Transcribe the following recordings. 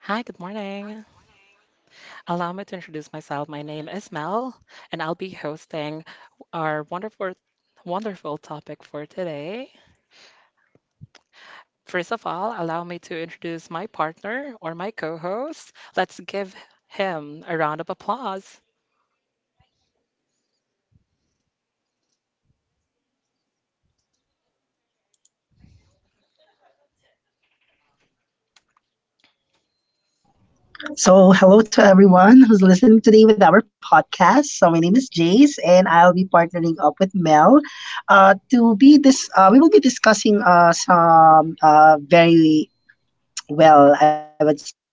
Hi, good morning. Allow me to introduce myself. My name is Mel, and I'll be hosting our wonderful, wonderful topic for today. First of all, allow me to introduce my partner or my co-host. Let's give him a round of applause, So, hello to everyone who's listening today with our podcast. So, my name is Jace, and I'll be partnering up with Mel to be this. We will be discussing some very I would say,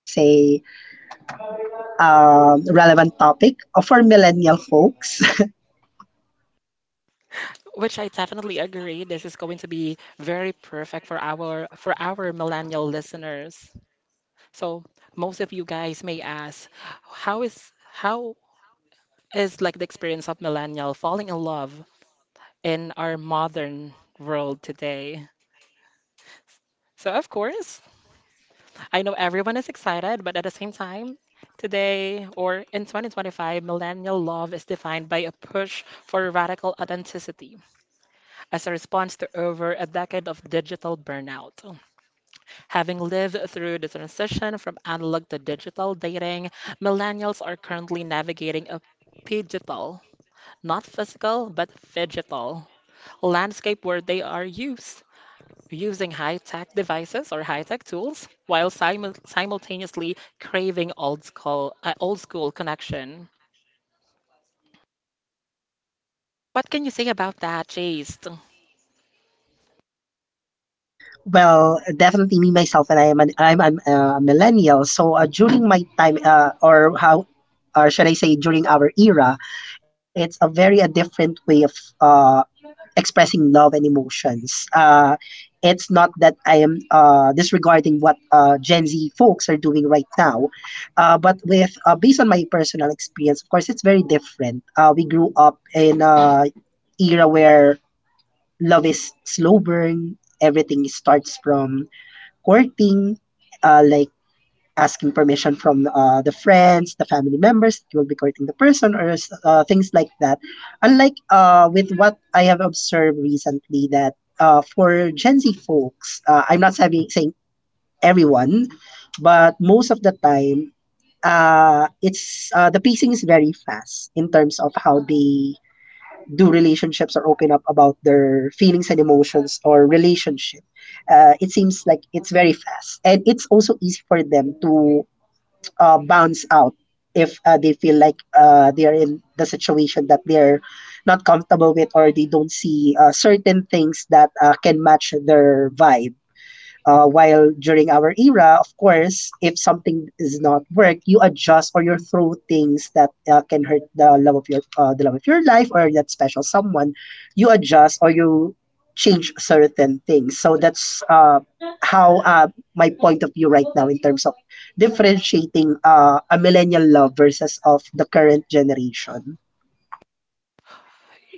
relevant topic for millennial folks. which I definitely agree this is going to be very perfect for our millennial listeners. So, most of you guys may ask, how is like the experience of millennial falling in love in our modern world today. So, of course, I know everyone is excited, but at the same time, today or in 2025, millennial love is defined by a push for radical authenticity as a response to over a decade of digital burnout. Having lived through the transition from analog to digital dating, millennials are currently navigating a digital, not physical, but digital landscape where they are used using high-tech devices or high-tech tools while simultaneously craving old school connection. What can you say about that, Chase? Well, definitely me myself, and I'm an, a millennial. So, during my time, or should I say, during our era, it's a very a different way of uh, expressing love and emotions. It's not that I am disregarding what Gen Z folks are doing right now, but with based on my personal experience, of course, it's very different. We grew up in a era where love is slow burn. Everything starts from courting, like asking permission from the friends, the family members that will be courting the person, or things like that. Unlike with what I have observed recently, that for Gen Z folks, I'm not saying everyone, but most of the time, it's the pacing is very fast in terms of how they do relationships or open up about their feelings and emotions or relationship. It seems like it's very fast, and it's also easy for them to bounce out if they feel like they're in the situation that they're not comfortable with or they don't see certain things that can match their vibe. While during our era, of course, if something does not work, you adjust or you throw things that can hurt the love of your the love of your life or that special someone. You adjust or you change certain things. So that's how my point of view right now in terms of differentiating a millennial love versus of the current generation.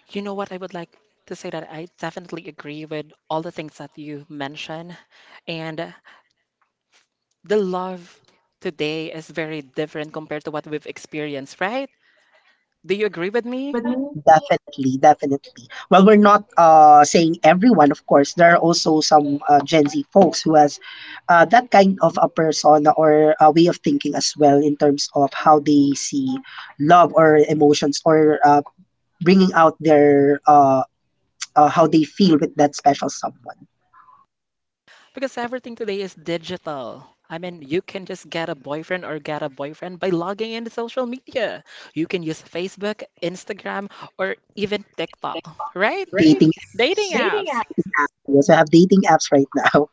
You know what? I would like to say that I definitely agree with all the things that you mentioned. And the love today is very different compared to what we've experienced, right? Do you agree with me? Definitely, definitely. Well, we're not saying everyone, of course. There are also some Gen Z folks who has that kind of a persona or a way of thinking as well in terms of how they see love or emotions or bringing out their how they feel with that special someone. Because everything today is digital. I mean, you can just get a boyfriend or get a boyfriend by logging into social media. You can use Facebook, Instagram, or even TikTok, right? Dating Dating apps, apps. dating apps. We also have dating apps right now.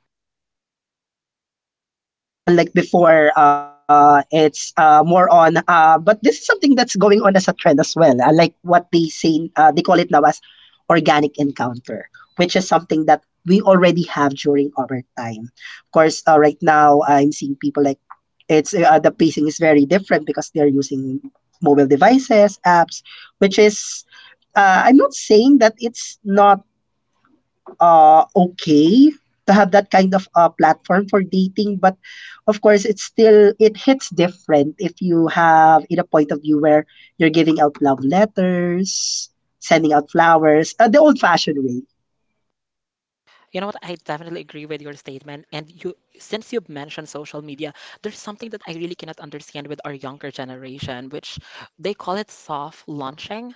Unlike before, it's more on. But this is something that's going on as a trend as well. Like what they say, they call it now as organic encounter, which is something that we already have during our time. Of course, right now I'm seeing people like it's the pacing is very different because they're using mobile devices, apps, which is. I'm not saying that it's not okay to have that kind of platform for dating, but of course it's still, it hits different if you have in a point of view where you're giving out love letters, sending out flowers, the old fashioned way. You know what? I definitely agree with your statement. And you, since you've mentioned social media, there's something that I really cannot understand with our younger generation, which they call it soft launching.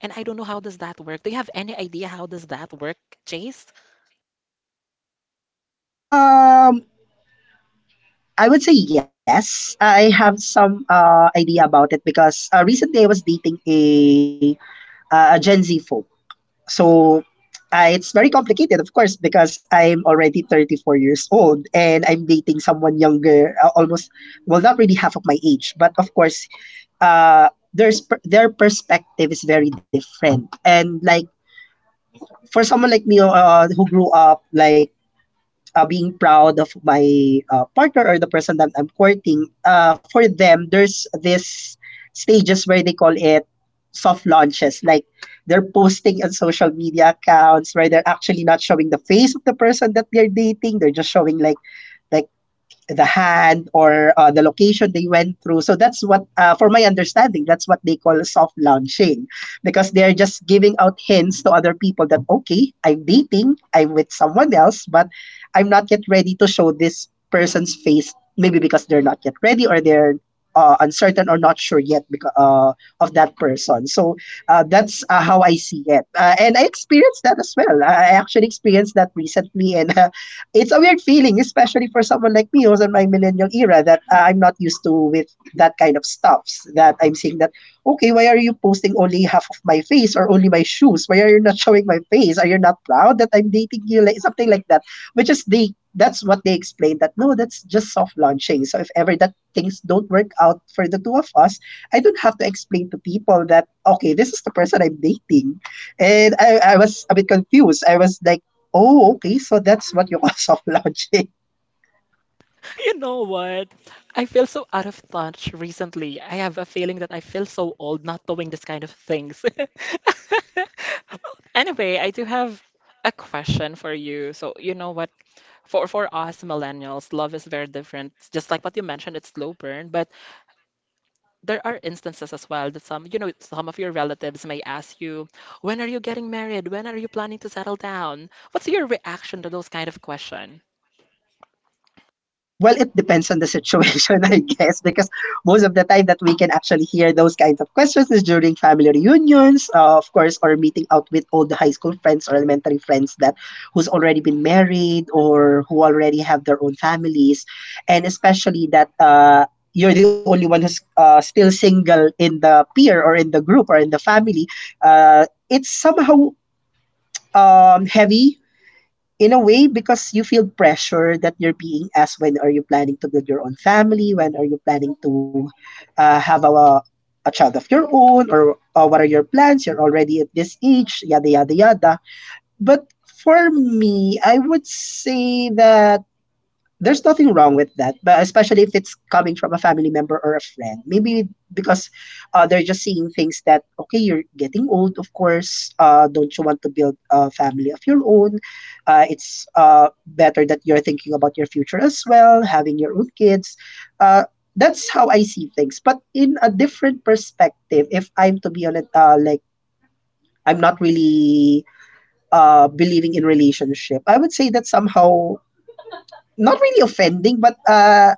And I don't know how does that work. Do you have any idea how does that work, Chase? Um i would say yes, I have some idea about it because recently I was dating a Gen Z folk. So it's very complicated, of course, because I'm already 34 years old and I'm dating someone younger, almost, well, not really half of my age. But of course, their perspective is very different. And like for someone like me who grew up like being proud of my partner or the person that I'm courting, for them, there's this stages where they call it soft launches. Like they're posting on social media accounts where they're actually not showing the face of the person that they're dating. They're just showing like the hand or the location they went through. So that's what, for my understanding, that's what they call soft launching because they're just giving out hints to other people that okay, I'm dating, I'm with someone else, but I'm not yet ready to show this person's face. Maybe because they're not yet ready or they're uncertain or not sure yet because of that person. So that's how I see it, and I experienced that as well. I actually experienced that recently, and it's a weird feeling, especially for someone like me who's in my millennial era that I'm not used to with that kind of stuff. That I'm seeing that okay, why are you posting only half of my face or only my shoes? Why are you not showing my face? Are you not proud that I'm dating you? Like something like that. Which is they That's what they explained, that no, that's just soft launching. So if ever that things don't work out for the two of us, I don't have to explain to people that okay, this is the person I'm dating. And I was a bit confused. I was like, oh, okay, so that's what you call soft launching. You know what? I feel so out of touch recently. I have a feeling that I feel so old not doing this kind of things. Anyway, I do have a question for you. So, you know what? For us millennials, love is very different. It's just like what you mentioned, it's slow burn, but there are instances as well that some of your relatives may ask you, "When are you getting married? When are you planning to settle down?" What's your reaction to those kind of question? Well, it depends on the situation, I guess, because most of the time that we can actually hear those kinds of questions is during family reunions, of course, or meeting out with old high school friends or elementary friends that who's already been married or who already have their own families, and especially that you're the only one who's still single in the peer or in the group or in the family. It's somehow heavy in a way because you feel pressure that you're being asked when are you planning to build your own family, when are you planning to uh, have a, a child of your own, or what are your plans, you're already at this age, yada yada yada. But for me, I would say that there's nothing wrong with that, but especially if it's coming from a family member or a friend. Maybe because they're just seeing things that okay, you're getting old, of course. Don't you want to build a family of your own? It's better that you're thinking about your future as well, having your own kids. Uh, that's how I see things. But in a different perspective, if I'm to be honest, like I'm not really believing in relationship, I would say that somehow not really offending, but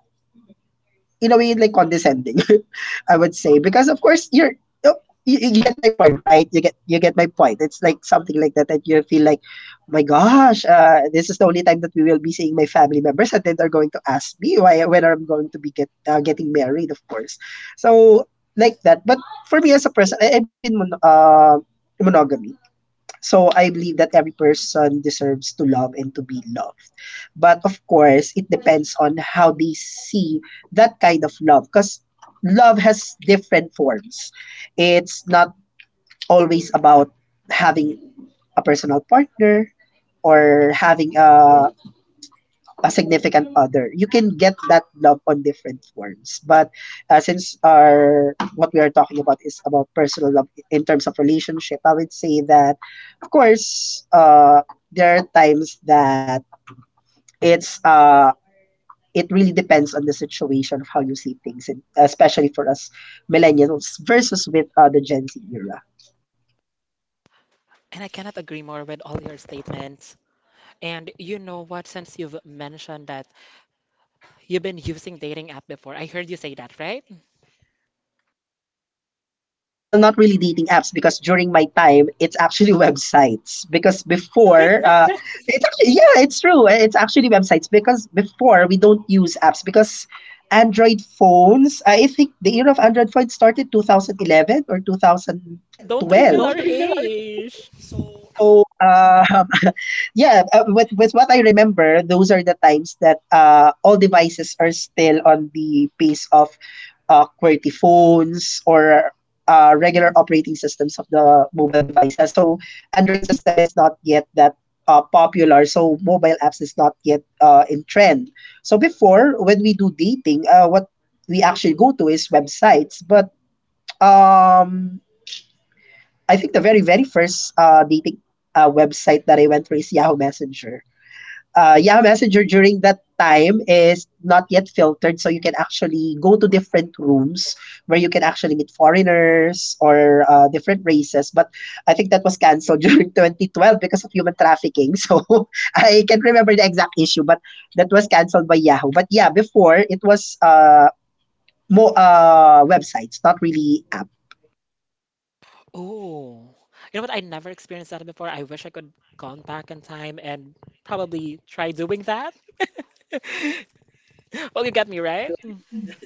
in a way like condescending, I would say, because of course you're, oh, you get my point, right? You get my point. It's like something like that, that you feel like, "Oh my gosh, this is the only time that we will be seeing my family members, and then they're going to ask me why, whether I'm going to be getting married," of course. So like that. But for me, as a person, I believe in monogamy. So I believe that every person deserves to love and to be loved. But of course, it depends on how they see that kind of love, because love has different forms. It's not always about having a personal partner or having a significant other. You can get that love on different forms. But since our what we are talking about is about personal love in terms of relationship, I would say that, of course, there are times that it's uh, it really depends on the situation of how you see things, and especially for us millennials versus with the Gen Z era. And I cannot agree more with all your statements. And you know what? Since you've mentioned that you've been using dating app before, I heard you say that, right? Well, not really dating apps, because during my time, it's actually websites. Because before, it's actually, yeah, it's true. It's actually websites, because before we don't use apps, because Android phones, I think the era of Android phones started 2011 or 2012. Don't reveal our age. So, yeah, with what I remember, those are the times that all devices are still on the pace of QWERTY phones or regular operating systems of the mobile devices. So Android system is not yet that popular, so mobile apps is not yet in trend. So before, when we do dating, what we actually go to is websites. But um, I think the very first dating website that I went through is Yahoo Messenger. Yahoo Messenger during that time is not yet filtered, so you can actually go to different rooms where you can actually meet foreigners or different races. But I think that was canceled during 2012 because of human trafficking. So I can't remember the exact issue, but that was canceled by Yahoo. But yeah, before it was mo websites, not really app. Oh, you know what? I never experienced that before. I wish I could gone back in time and probably try doing that. Well, you got me, right?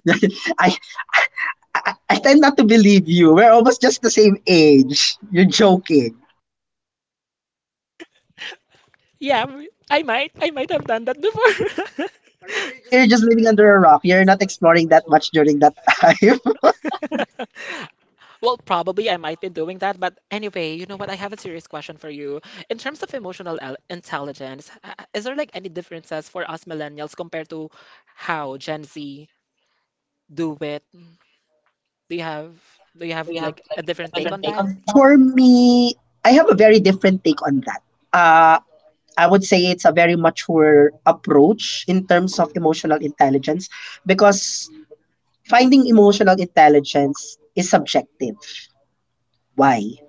I, I tend not to believe you. We're almost just the same age. You're joking. Yeah, I might have done that before. Or maybe you're just living under a rock. You're not exploring that much during that time. Well, probably I might be doing that, but anyway, you know what? I have a serious question for you. In terms of emotional intelligence, is there like any differences for us millennials compared to how Gen Z do it? Do you have do you have like a different take on that? For me, I have a very different take on that. Uh, I would say it's a very mature approach in terms of emotional intelligence because finding emotional intelligence is subjective. Why?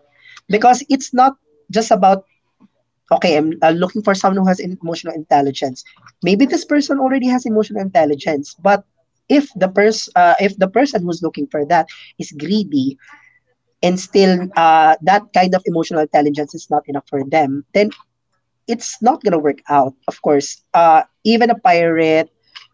Because it's not just about okay, I'm looking for someone who has emotional intelligence. Maybe this person already has emotional intelligence, but if the person who's looking for that is greedy and still that kind of emotional intelligence is not enough for them, then it's not gonna work out, of course. Even a pirate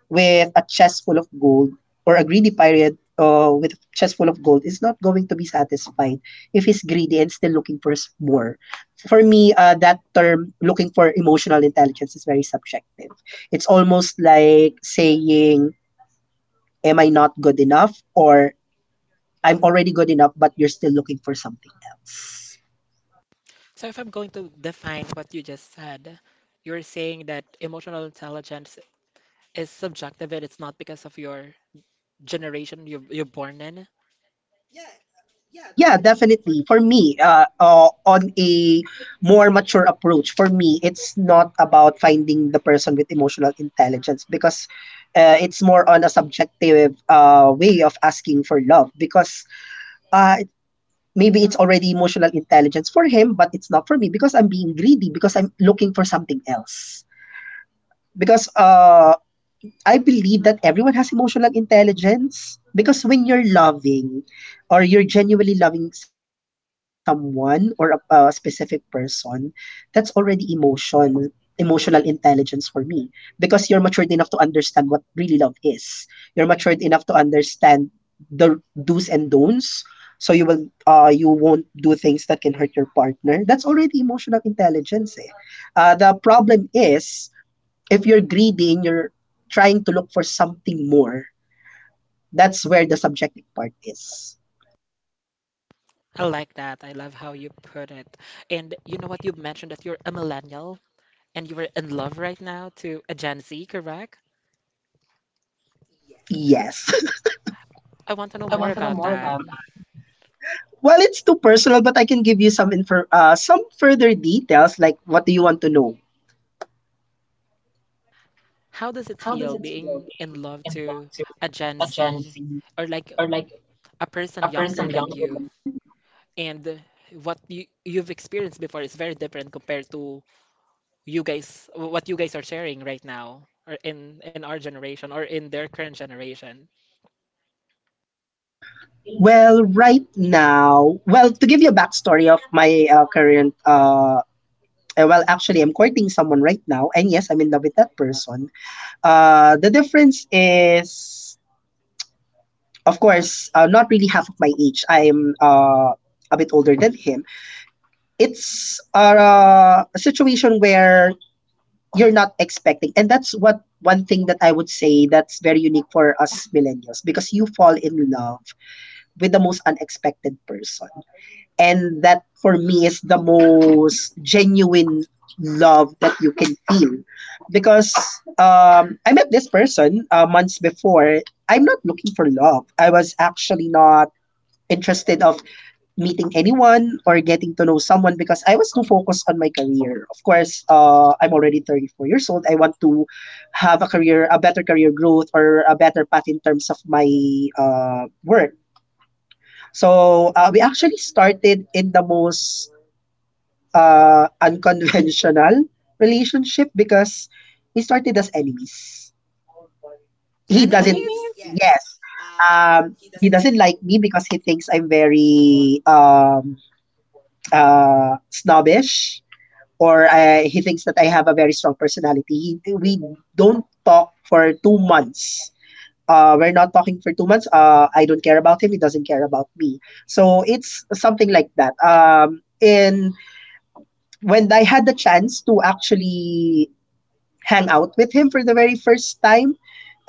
with a chest full of gold or a greedy pirate with a chest full of gold is not going to be satisfied if he's greedy and still looking for more. For me, that term looking for emotional intelligence is very subjective. It's almost like saying, am I not good enough? Or I'm already good enough, but you're still looking for something else. So if I'm going to define what you just said, you're saying that emotional intelligence is subjective and it's not because of your generation you're born in. Yeah, definitely. For me, on a more mature approach, for me, it's not about finding the person with emotional intelligence because it's more on a subjective way of asking for love because uh, maybe it's already emotional intelligence for him, but it's not for me because I'm being greedy because I'm looking for something else. Because I believe that everyone has emotional intelligence because when you're loving or you're genuinely loving someone or a specific person, that's already emotional intelligence for me because you're matured enough to understand what really love is. You're matured enough to understand the do's and don'ts so you will you won't do things that can hurt your partner. That's already emotional intelligence eh. The problem is if you're greedy and you're trying to look for something more, that's where the subjective part is. I like that. I love how you put it. And you know what? You mentioned that you're a millennial. And you were in love right now to a Gen Z, correct? Yes. I want to know more about that. Well, it's too personal, but I can give you some info, some further details. Like, what do you want to know? How does it feel being in love to a Gen Z or like a person younger than you? And what you've experienced before is very different compared to you guys, what you guys are sharing right now, or in our generation or in their current generation. Well, right now, well, to give you a backstory of my well, actually, I'm courting someone right now, and yes, I'm in love with that person. The difference is, of course, not really half of my age. I'm a bit older than him. It's a situation where you're not expecting and that's what one thing that I would say that's very unique for us millennials because you fall in love with the most unexpected person and that for me is the most genuine love that you can feel because I met this person months before. I'm not looking for love. I was actually not interested of meeting anyone or getting to know someone because I was too focused on my career. Of course, I'm already 34 years old. I want to have a career, a better career growth or a better path in terms of my work. So we actually started in the most unconventional relationship because we started as enemies. He doesn't, Enemies? yes, he doesn't like me because he thinks I'm very snobbish or he thinks that I have a very strong personality. We don't talk for 2 months. We're not talking for 2 months. I don't care about him. He doesn't care about me. So it's something like that. And when I had the chance to actually hang out with him for the very first time.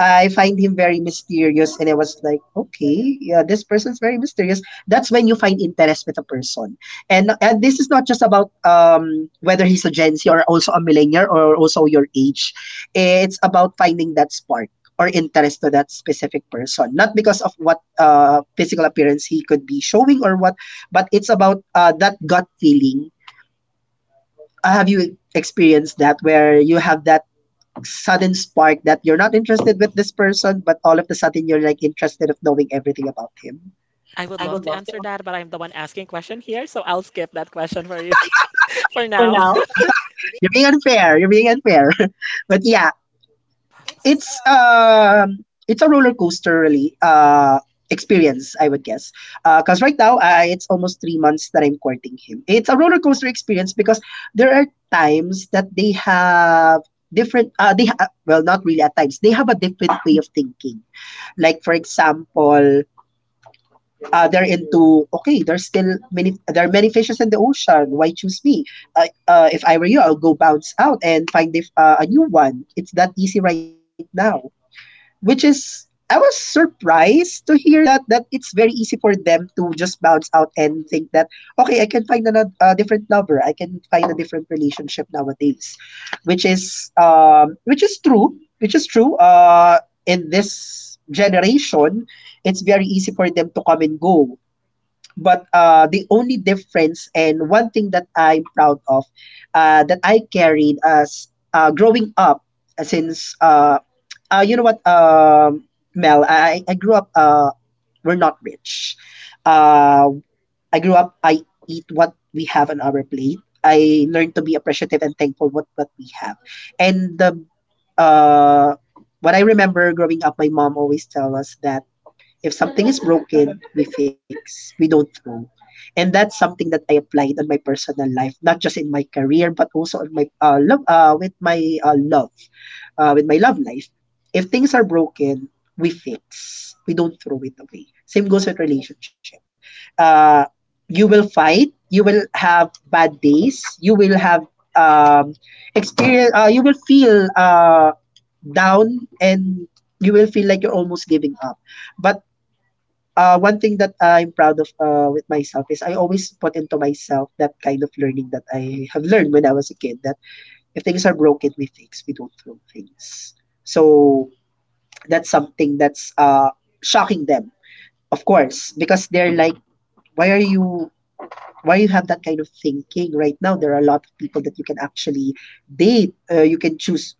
I find him very mysterious, and I was like, okay, yeah, this person's very mysterious. That's when you find interest with a person, and this is not just about whether he's a Gen Z or also a millennial or also your age. It's about finding that spark or interest to that specific person, not because of what physical appearance he could be showing or what, but it's about that gut feeling. Have you experienced that where you have that sudden spark that you're not interested with this person, but all of a sudden you're like interested of knowing everything about him. I would love to answer that, but I'm the one asking question here, so I'll skip that question for you for now. You're being unfair. You're being unfair. But yeah, it's a roller coaster really experience I would guess because right now it's almost 3 months that I'm courting him. It's a roller coaster experience because there are times that they have different well not really at times they have a different way of thinking like for example they're into okay there are many fishes in the ocean why choose me. If I were you I'll go bounce out and find if, a new one. It's that easy right now, which is I was surprised to hear that that it's very easy for them to just bounce out and think that okay I can find another a different lover. I can find a different relationship nowadays, which is which is true in this generation. It's very easy for them to come and go, but the only difference and one thing that I'm proud of that I carried as growing up since you know what Mel I grew up we're not rich. uh, I grew up I eat what we have on our plate. I learned to be appreciative and thankful what we have. And the uh, what I remember growing up my mom always tell us that if something is broken, we fix. We don't throw. And that's something that I applied on my personal life, not just in my career, but also on my with my with my love life. If things are broken, we fix. We don't throw it away. Same goes with relationship. Uh, you will fight. You will have bad days. You will have um, experience. You will feel down, and you will feel like you're almost giving up. But one thing that I'm proud of with myself is I always put into myself that kind of learning that I have learned when I was a kid that if things are broken, we fix, we don't throw things. So that's something that's shocking them, of course, because they're like, why are you, why you have that kind of thinking right now? There are a lot of people that you can actually date. You can choose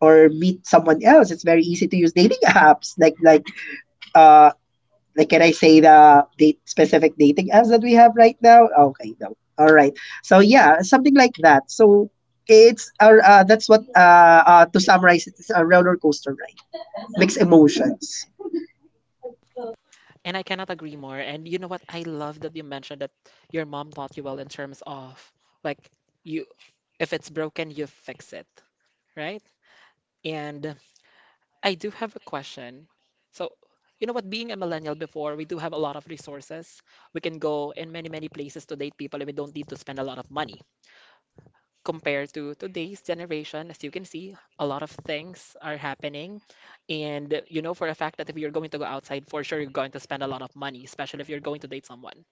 or meet someone else. It's very easy to use dating apps uh, like can I say the date specific dating apps that we have right now? Okay, no. All right. So yeah, something like that. So it's that's what to summarize it, it's a roller coaster ride. Mixed emotions. And I cannot agree more. And you know what? I love that you mentioned that your mom taught you well in terms of like you, if it's broken, you fix it, right? And I do have a question. So, you know what? Being a millennial before, we do have a lot of resources. We can go in many, many places to date people, and we don't need to spend a lot of money compared to today's generation. As you can see, a lot of things are happening. And you know for a fact that if you're going to go outside, for sure you're going to spend a lot of money, especially if you're going to date someone.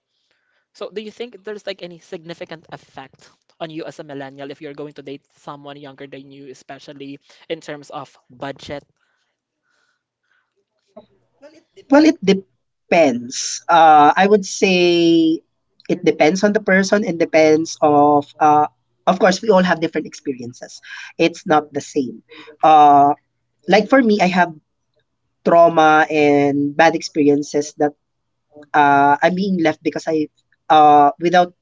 So, do you think there's like any significant effect on you as a millennial if you're going to date someone younger than you, especially in terms of budget? Well, it depends. I would say it depends on the person and depends of course we all have different experiences. It's not the same. Uh like for me, I have trauma and bad experiences that I'm being left because I without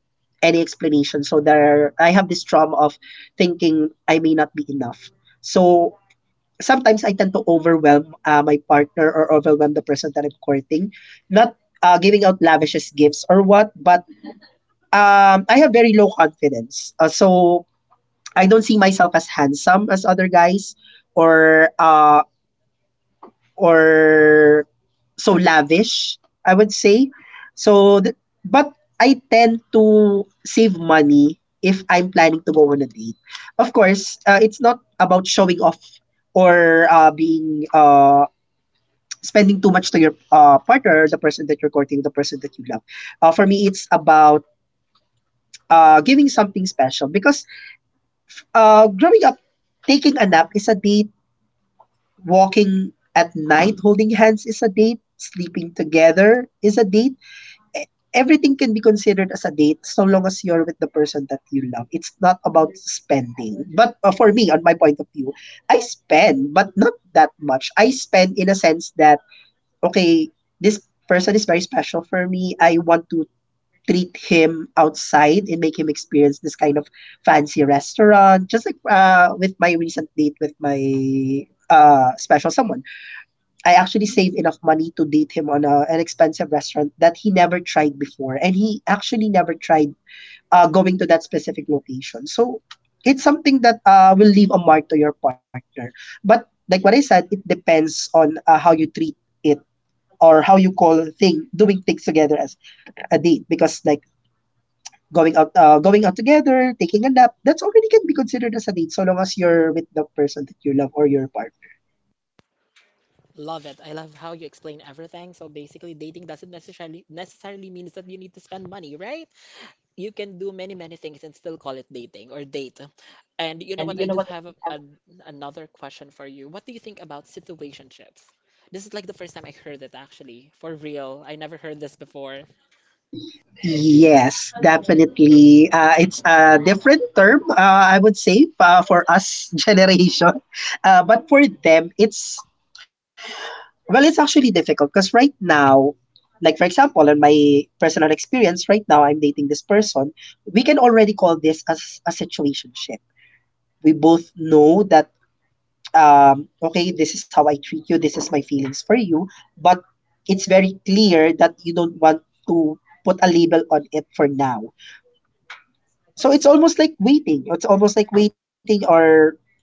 any explanation. So there, I have this trauma of thinking I may not be enough. So sometimes I tend to overwhelm my partner or overwhelm the person that I'm courting, not giving out lavish gifts or what, but I have very low confidence. So I don't see myself as handsome as other guys or uh, or so lavish, I would say. So, but I tend to save money if I'm planning to go on a date. Of course, it's not about showing off or being spending too much to your partner, the person that you're courting, the person that you love. For me, it's about giving something special because growing up, taking a nap is a date, walking at night holding hands is a date, sleeping together is a date. Everything can be considered as a date so long as you're with the person that you love. It's not about spending. But for me, on my point of view, I spend, but not that much. I spend in a sense that, okay, this person is very special for me. I want to treat him outside and make him experience this kind of fancy restaurant, just like with my recent date with my special someone. I actually saved enough money to date him on an expensive restaurant that he never tried before. And he actually never tried going to that specific location. So it's something that will leave a mark to your partner. But like what I said, it depends on how you treat it or how you call thing doing things together as a date. Because like going out, together, taking a nap, that's already can be considered as a date so long as you're with the person that you love or your partner. Love it. I love how you explain everything. So basically, dating doesn't necessarily means that you need to spend money, right? You can do many many things and still call it dating or date. And you know what? I do have another question for you. What do you think about situationships? This is like the first time I heard it, actually, for real. I never heard this before. Yes, definitely. It's a different term, I would say, for us generation. But for them, well, it's actually difficult because right now, like for example, in my personal experience, right now I'm dating this person. We can already call this as a situationship. We both know that, okay, this is how I treat you, this is my feelings for you, but it's very clear that you don't want to put a label on it for now. So it's almost like waiting. It's almost like waiting, or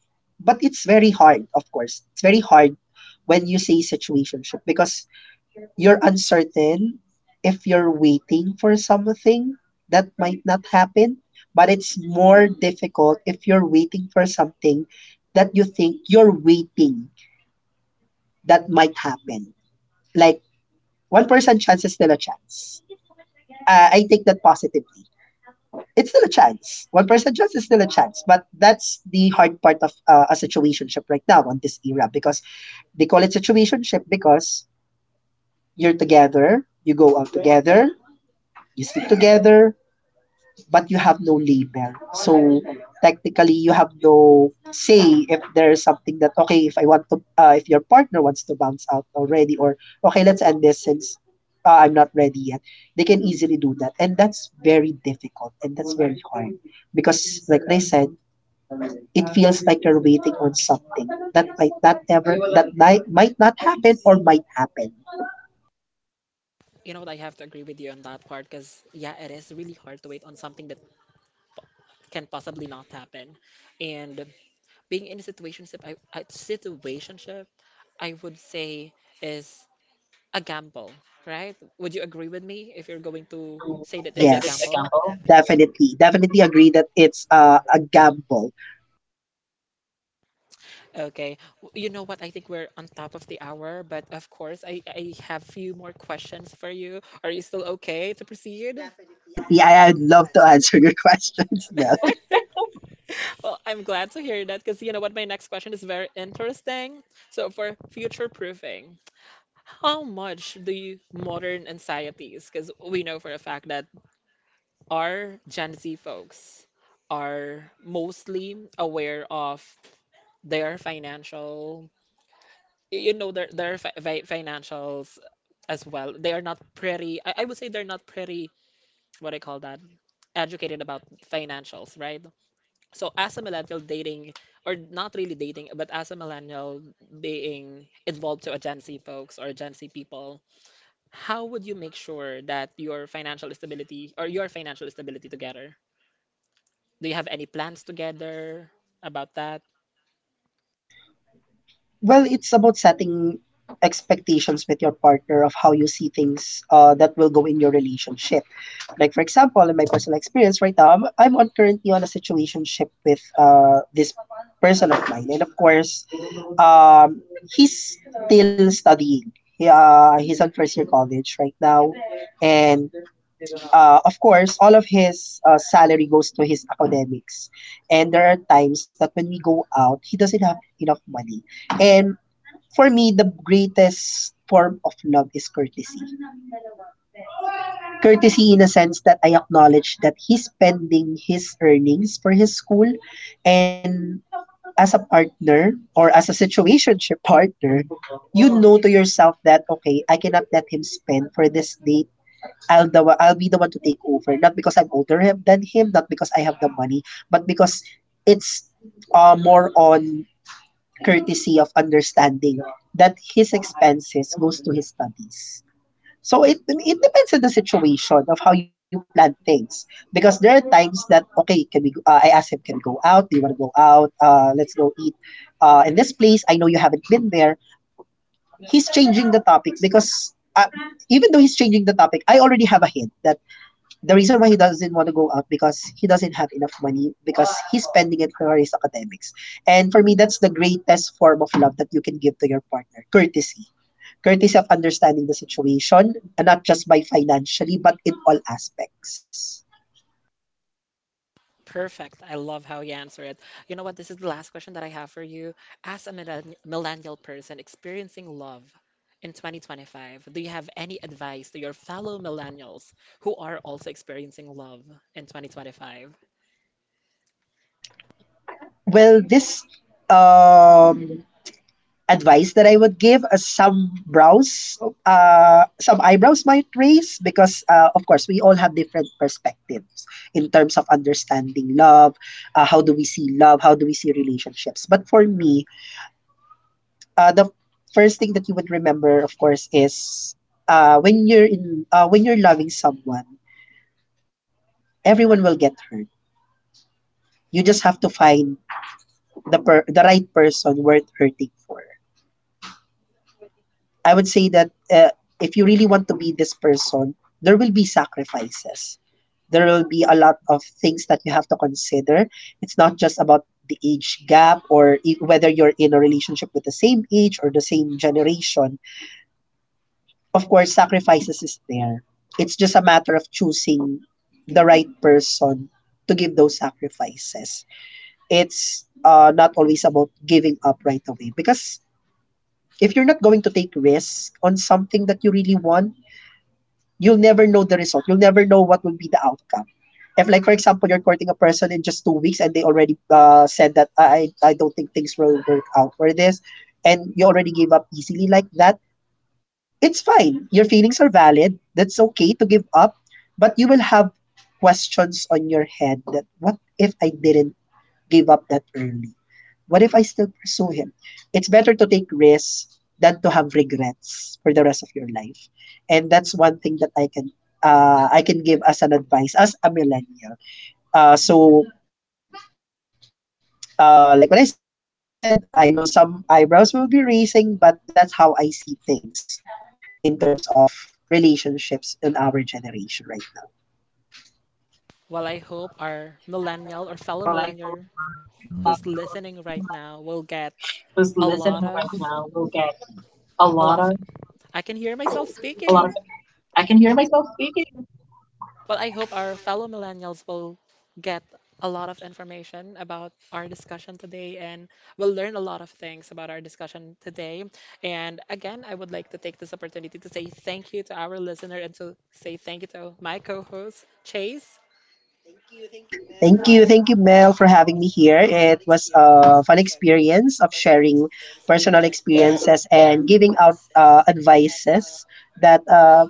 but it's very hard, of course. It's very hard when you say situationship because you're uncertain if you're waiting for something that might not happen, but it's more difficult if you're waiting for something that you think you're waiting that might happen. Like, 1% chance is still a chance. I take that positively. It's still a chance. 1% chance is still a chance, but that's the hard part of a situationship right now on this era because they call it situationship because you're together, you go out together, you sleep together, but you have no label. So technically, you have no say if there's something that okay, if I want to, if your partner wants to bounce out already, or okay, let's end this since I'm not ready yet. They can easily do that, and that's very difficult and that's very hard because, like I said, it feels like you're waiting on something that might not ever that might not happen or might happen. You know what? I have to agree with you on that part because yeah, it is really hard to wait on something that can possibly not happen. And being in a situationship, I would say is a gamble, right? Would you agree with me if you're going to say Like, that is it a it's a Yes. gamble? gamble? Definitely. Definitely agree that it's a gamble. Okay. You know what? I think we're on top of the hour, but of course, I have few more questions for you. Are you still okay to proceed? Definitely. I'd love to answer your questions, Mel. Well, I'm glad to hear that because you know what? My next question is very interesting. So, for future proofing, how much do you modern anxieties, because we know for a fact that our Gen Z folks are mostly aware of their financial their fi fi financials as well. They are not pretty. I would say they're not pretty. What I call that, educated about financials, right? So as a millennial dating, or not really dating, but as a millennial being involved to a Gen Z folks or Gen Z people, how would you make sure that your financial stability or your financial stability together? Do you have any plans together about that? Well, it's about setting expectations with your partner of how you see things that will go in your relationship. Like, for example, in my personal experience right now, I'm on currently on a situationship with this person of mine. And of course, Um, he's still studying. He's at first year college right now, and of course, all of his salary goes to his academics. And there are times that when we go out, he doesn't have enough money. And for me, the greatest form of love is courtesy. Courtesy in a sense that I acknowledge that he's spending his earnings for his school, and as a partner or as a situationship partner, you know to yourself that okay, I cannot let him spend for this date. I'll be the one to take over, not because I'm older him, than him, not because I have the money, but because it's more on courtesy of understanding that his expenses goes to his studies. So it depends on the situation of how you plan things because there are times that okay, can we? I ask him, can we go out? Do you want to go out? Let's go eat in this place. I know you haven't been there. He's changing the topic because even though he's changing the topic, I already have a hint that the reason why he doesn't want to go out because he doesn't have enough money because he's spending it for his academics. And for me, that's the greatest form of love that you can give to your partner, courtesy. Courtesy of understanding the situation, and not just by financially, but in all aspects. Perfect. I love how you answer it. You know what? This is the last question that I have for you. As a millennial person experiencing love in 2025, do you have any advice to your fellow millennials who are also experiencing love in 2025? Well, this, um, advice that I would give, as some brows, some eyebrows might raise because, of course, we all have different perspectives in terms of understanding love. How do we see love? How do we see relationships? But for me, the first thing that you would remember, of course, is when you're in when you're loving someone, everyone will get hurt. You just have to find the right person worth hurting for. I would say that if you really want to be this person, there will be sacrifices. There will be a lot of things that you have to consider. It's not just about the age gap or whether you're in a relationship with the same age or the same generation. Of course, sacrifices is there. It's just a matter of choosing the right person to give those sacrifices. It's not always about giving up right away because if you're not going to take risks on something that you really want, you'll never know the result. You'll never know what will be the outcome. If, like, for example, you're courting a person in just 2 weeks and they already said that I don't think things will work out for this, and you already gave up easily like that, it's fine. Your feelings are valid. That's okay to give up, but you will have questions on your head that what if I didn't give up that early? What if I still pursue him? It's better to take risks than to have regrets for the rest of your life. And that's one thing that I can give as an advice as a millennial. Uh, so like what I said, I know some eyebrows will be raising, but that's how I see things in terms of relationships in our generation right now. Well, I hope our millennial or fellow millennial who's listening right now will get a lot of a lot of. I can hear myself speaking. Well, I hope our fellow millennials will get a lot of information about our discussion today and will learn a lot of things about our discussion today. And again, I would like to take this opportunity to say thank you to our listener and to say thank you to my co host, Chase. Thank you. Thank you, Mel, for having me here. It was a fun experience of sharing personal experiences and giving out advices that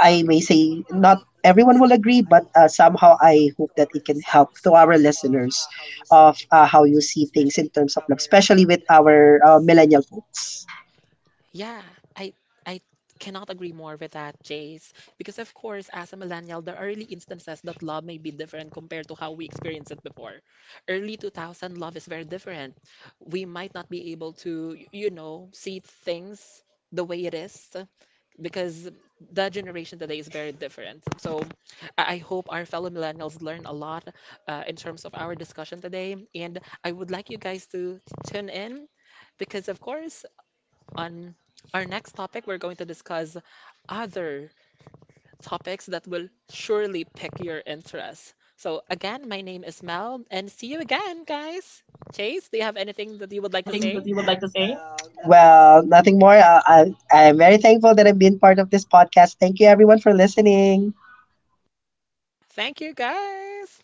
I may say not everyone will agree, but somehow I hope that it can help to our listeners of how you see things in terms of love, especially with our millennial folks. Yeah, I I cannot agree more with that, Jace. Because of course, as a millennial, there are really instances that love may be different compared to how we experienced it before. Early 2000 love is very different. We might not be able to, see things the way it is because the generation today is very different. So I hope our fellow millennials learn a lot in terms of our discussion today. And I would like you guys to tune in because of course on our next topic, we're going to discuss other topics that will surely pick your interest. So, again, my name is Mel, and see you again, guys. Chase, do you have anything that you would like to say? Well, nothing more. I'm very thankful that I've been part of this podcast. Thank you, everyone, for listening. Thank you, guys.